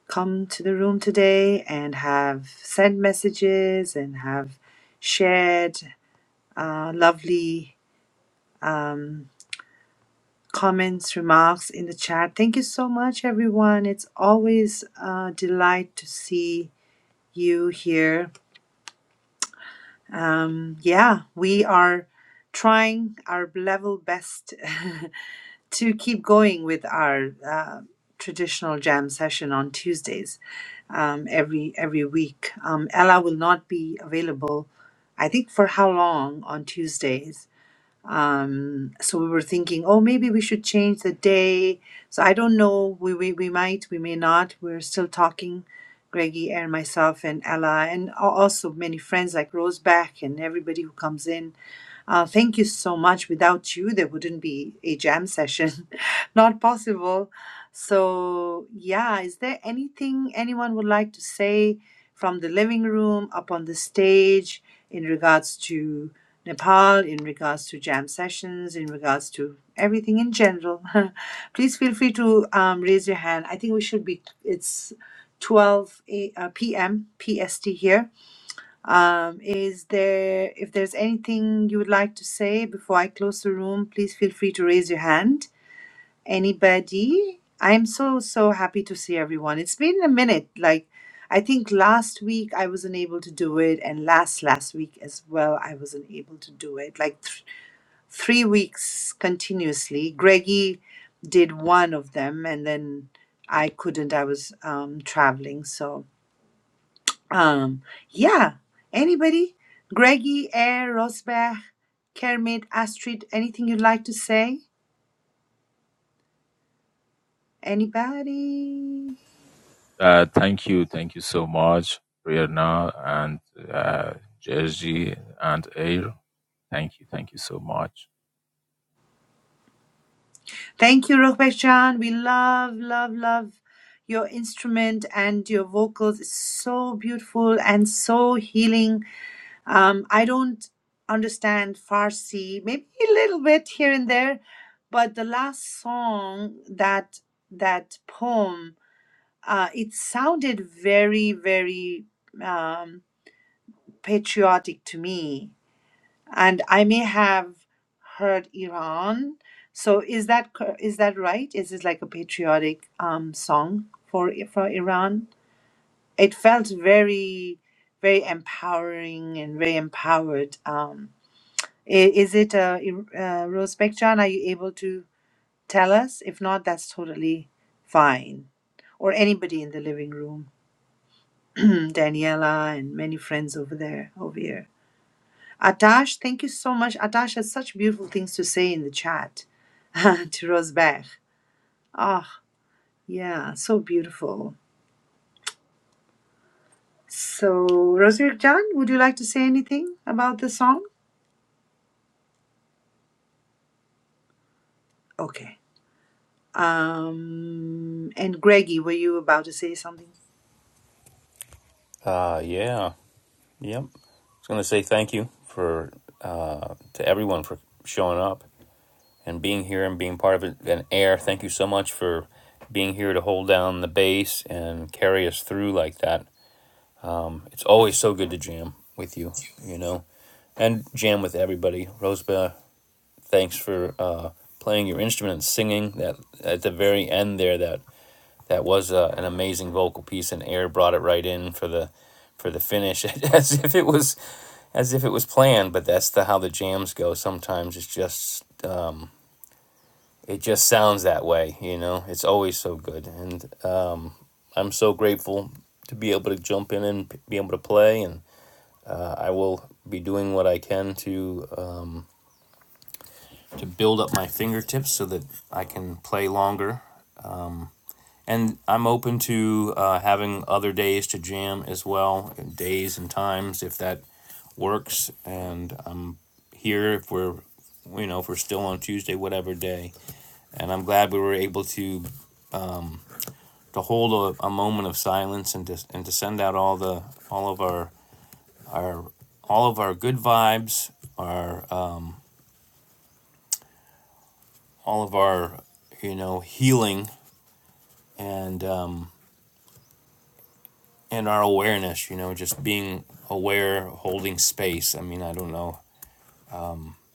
come to the room today and have sent messages and have shared uh, lovely um, comments, remarks in the chat. Thank you so much, everyone. It's always a delight to see you here. Um, yeah, we are trying our level best *laughs* to keep going with our uh, traditional jam session on Tuesdays um, every every week. Um, Ella will not be available, I think, for how long on Tuesdays. Um, so we were thinking, oh, maybe we should change the day. So I don't know. We we, we might, we may not. We're still talking. Greggy and myself and Ella and al- also many friends like Rose Back and everybody who comes in uh, thank you so much. Without you, there wouldn't be a jam session. *laughs* Not possible. So, yeah, is there anything anyone would like to say from the living room up on the stage in regards to Nepal, in regards to jam sessions, in regards to everything in general? *laughs* Please feel free to um, raise your hand. I think we should be, it's 12 a, uh, p.m. PST here. Um, is there, if there's anything you would like to say before I close the room, please feel free to raise your hand. Anybody? I'm so, so happy to see everyone. It's been a minute. Like, I think last week I wasn't able to do it, and last, last week as well, I wasn't able to do it. Like, th- three weeks continuously. Greggy did one of them, and then I couldn't. I was um, traveling. So, um, yeah. Anybody? Greggy, Air, Rosbach, Kermit, Astrid, anything you'd like to say? Anybody?
Uh, thank you, thank you so much, Rihanna and uh, Jerzy and Air. Thank you, thank you so much.
Thank you, Rohbechan. We love, love, love your instrument and your vocals. It's so beautiful and so healing. Um, I don't understand Farsi, maybe a little bit here and there, but the last song that that poem uh, it sounded very, very um, patriotic to me, and I may have heard Iran. So is that cor- is that right? Is this like a patriotic um, song for for Iran? It felt very, very empowering and very empowered. Um, i- is it uh, Ir- uh, Rose Bekjan? Are you able to tell us? If not, that's totally fine. Or anybody in the living room. *clears throat* Daniela and many friends over there, over here. Atash, thank you so much. Atash has such beautiful things to say in the chat *laughs* to Rosberg. Oh, yeah, so beautiful. So, Rosberg John, would you like to say anything about the song? Okay. Um, and Greggy, were you about to say something?
Uh, yeah, yep. I was gonna say thank you for uh, to everyone for showing up and being here and being part of it. And Air, thank you so much for being here to hold down the bass and carry us through like that. It's always so good to jam with you, you know, and jam with everybody. Rosebud, thanks for uh, playing your instrument and singing. That at the very end there, that that was uh, an amazing vocal piece, and Air brought it right in for the for the finish, *laughs* as if it was as if it was planned. But that's the how the jams go. Sometimes it's just it just sounds that way, you know. It's always so good, and uh, I'm so grateful to be able to jump in and be able to play. And uh, I will be doing what I can to um, to build up my fingertips so that I can play longer. And I'm open to uh, having other days to jam as well, days and times if that works. And I'm here if we're you know if we're still on Tuesday, whatever day. And I'm glad we were able to to hold a, a moment of silence and to, and to send out all the all of our our all of our good vibes, our uh, all of our you know healing and um, and our awareness. You know, just being aware, holding space. I mean, I don't know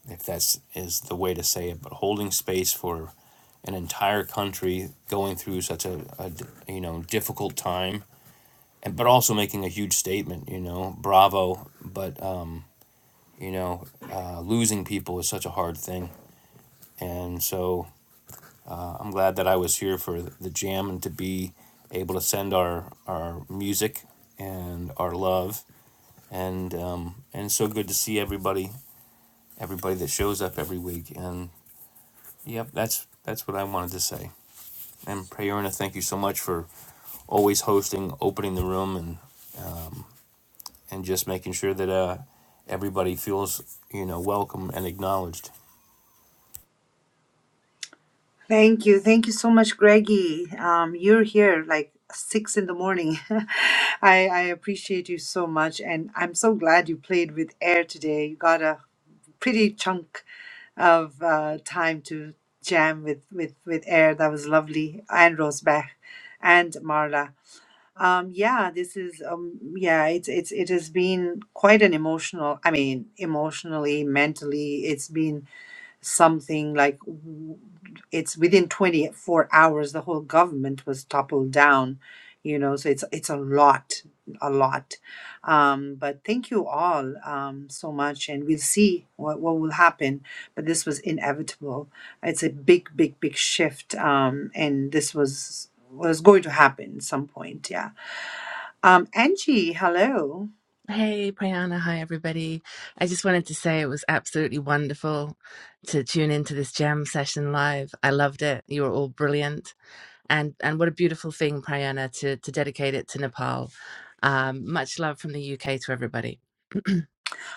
if that's is the way to say it, but holding space for an entire country going through such a a you know difficult time and but also making a huge statement you know bravo but You know, uh, losing people is such a hard thing. And so I'm glad that I was here for the jam and to be able to send our, our music and our love. And, um, and so good to see everybody, everybody that shows up every week. And yep, that's, that's what I wanted to say. And Prayerna, thank you so much for always hosting, opening the room, and, and just making sure that uh, everybody feels, you know, welcome and acknowledged.
Thank you. Thank you so much, Greggy. Um, you're here like six in the morning. *laughs* I, I appreciate you so much. And I'm so glad you played with air today. You got a pretty chunk of uh, time to jam with, with, with air. That was lovely. And Rosebach and Marla. Um, yeah, this is um, yeah, it's it's it has been quite an emotional. I mean, emotionally, mentally, it's been something like w- it's within 24 hours the whole government was toppled down you know so it's it's a lot a lot um, but thank you all um, so much and we'll see what, what will happen but this was inevitable it's a big big big shift um, and this was was going to happen at some point yeah um, angie hello
Hey, Priyana. Hi, everybody. I just wanted to say it was absolutely wonderful to tune into this jam session live. I loved it. You were all brilliant. And and what a beautiful thing, Priyana, to, to dedicate it to Nepal. Um, much love from the UK to everybody. *clears throat*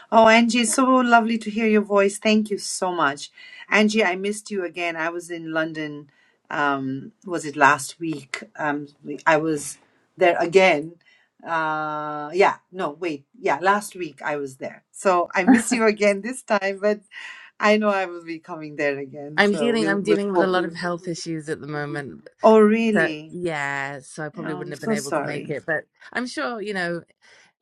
Oh, Angie, it's so lovely to hear your voice. Thank you so much. Angie, I missed you again. I was in London, um, was it last week? Um, I was there again. Uh, yeah, no, wait. Yeah, last week I was there. So I miss you again this time, but I know I will be coming there again.
I'm
So
dealing
we'll,
I'm
we'll
dealing with a lot of
hopefully. *laughs*
health issues at the moment.
Oh,
So
really?
yeah, so I
Oh,
probably wouldn't
I'm
have been
so
able to make
sorry.
it, but I'm sure, you know,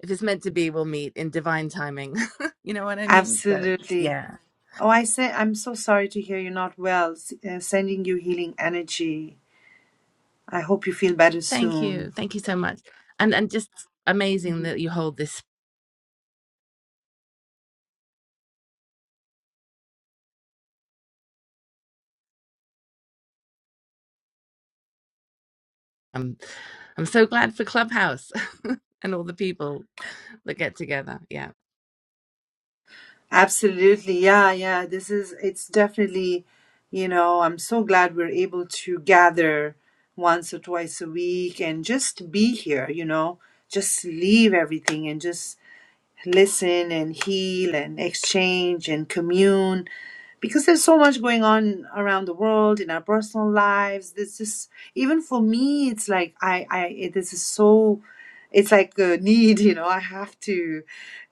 if it's meant to be, we'll meet in divine timing. *laughs* you know what I mean? So
Absolutely.
yeah.
Oh, I say, I'm so sorry to hear you're not well. S- uh, sending you healing energy I hope you feel better
Thank
soon.
you. Thank you so much. And and just amazing
Mhm.
that you hold this um I'm so glad for Clubhouse *laughs* and all the people that get together. Yeah.
Absolutely. Yeah, yeah. This is, it's definitely, you know, I'm so glad we're able to gather once or twice a week and just be here, you know, just leave everything and just listen and heal and exchange and commune because there's so much going on around the world in our personal lives this is even for me it's like i i it, this is so it's like a need *laughs* you know i have to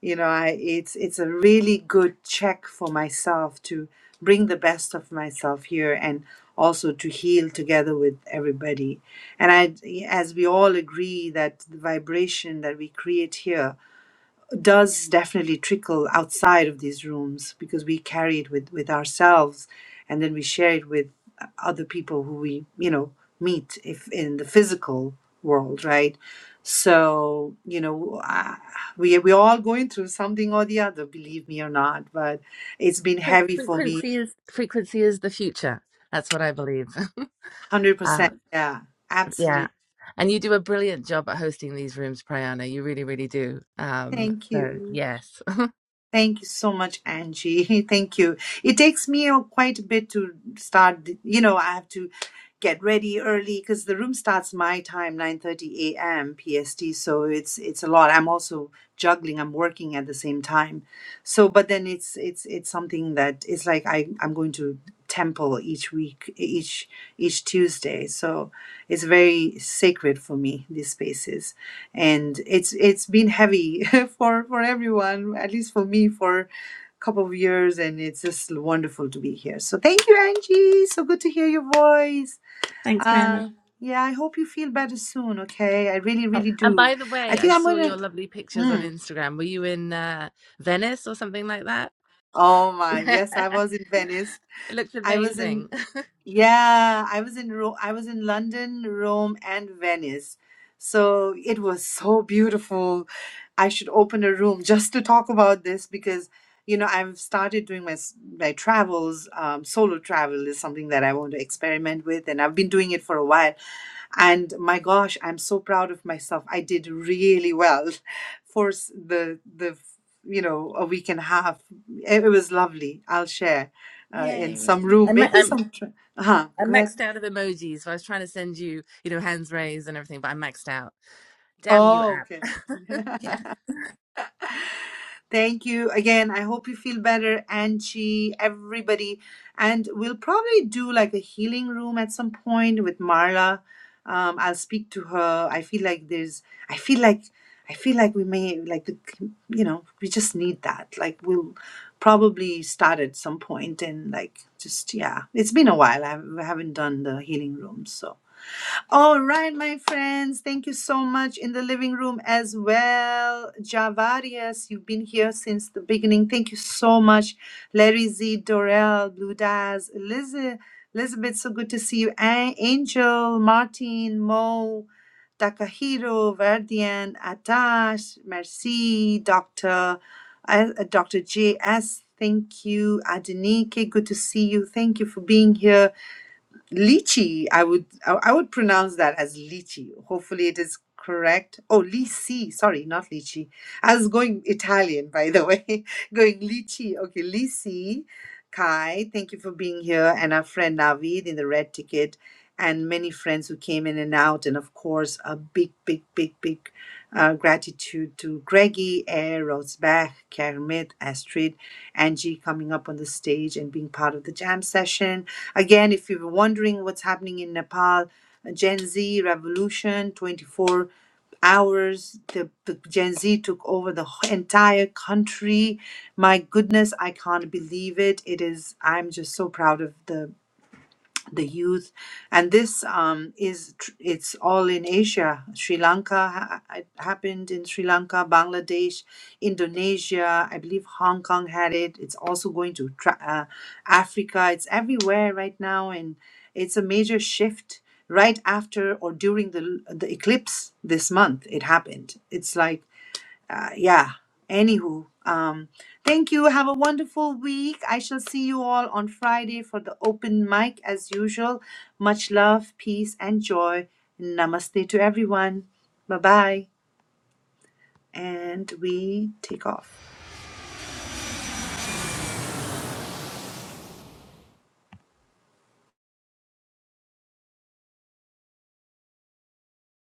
you know i it's it's a really good check for myself to bring the best of myself here and also to heal together with everybody and i as we all agree that the vibration that we create here does definitely trickle outside of these rooms because we carry it with with ourselves and then we share it with uh, other people who we you know meet if in the physical world right so you know I- we we're all going through something or the other believe me or not but it's been
Fre-
heavy for me
Frequency is frequency is the future. That's what I believe. *laughs* Uh,
100% yeah
yeah.
absolutely
And you do a brilliant job at hosting these rooms, Priyana. You really, really do. Um,
thank
so
you
yes.
Thank you so much, Angie. *laughs* Thank you. It takes me uh, quite a bit to start. th- You know, I have to get ready early because the room starts my time, 9:30 a.m. PST. So it's it's a lot. I'm also juggling. I'm working at the same time. So, but then it's it's it's something that it's like I I'm going to temple each week, each each Tuesday. So it's very sacred for me. These spaces and it's it's been heavy *laughs* for for everyone at least for me for a couple of years and it's just wonderful to be here so thank you angie so good to hear your voice
*laughs* Thanks, Priyana.
uh yeah i hope you feel better soon okay i really
Oh,
really
and
do
by the
i
way, I
think i'm
saw your
gonna
lovely pictures on
mm,
Instagram. Were you in uh, Venice or something like that? *laughs*
oh my
Yeah,
yes i was
it
in venice
looks
i was in
amazing.
Yeah, I was in Ro- I was in London, Rome, and Venice. So it was so beautiful. I should open a room just to talk about this because, you know, I've started doing my s- my travels. Um, solo travel is something that I want to experiment with, and I've been doing it for a while. And my gosh, I'm so proud of myself. I did really well *laughs* for s- the the you know a week and a half. It, it was lovely. I'll share
*laughs*
uh, in some
Yay! I
room,
ma-
maybe
I'm
some. *laughs* Uh-huh.
I'm
Go ahead.
maxed out of emojis, so I was trying to send you, you know, hands raised and everything, but I'm maxed out. Damn you,
Oh,
app.
okay. *laughs*
*laughs* yeah.
Thank you again. I hope you feel better, Angie, everybody. And we'll probably do like a healing room at some point with Marla. Um, I'll speak to her. I feel like there's, I feel like, I feel like we may, like, the, you know, we just need that. Like, we'll probably start at some point and, like, just, yeah. It's been a while. I haven't done the healing room. So, All right, my friends, thank you so much in the living room as well. Javarius, you've been here since the beginning. Thank you so much. Larry Z, Dorel, Blue Daz, Eliz- Elizabeth, so good to see you. A- Angel, Martin, Mo, Takahiro, Verdian, Atash, Merci, Dr. uh, Dr. J.S., thank you. Adenike, good to see you. Thank you for being here lychee i would i I would pronounce that as lychee hopefully it is correct oh lychee sorry not lychee i was going italian by the way *laughs* going lychee okay lychee kai thank you for being here and our friend navid in the red ticket and many friends who came in and out and of course a big big big big uh, gratitude to greggy air rosebach kermit astrid angie coming up on the stage and being part of the jam session Again, if you're wondering what's happening in Nepal, uh, Gen Z revolution, 24 hours, the, the Gen Z took over the wh- entire country. My goodness, I can't believe it. It is, I'm just so proud of the the youth and this um, is tr- it's all in asia sri lanka ha- it happened in sri lanka bangladesh indonesia i believe hong kong had it it's also going to tra- uh, africa it's everywhere right now and it's a major shift right after or during the the eclipse this month it happened it's like uh, yeah anywho um thank you have a wonderful week i shall see you all on friday for the open mic as usual much love peace and joy namaste to everyone bye bye and we take off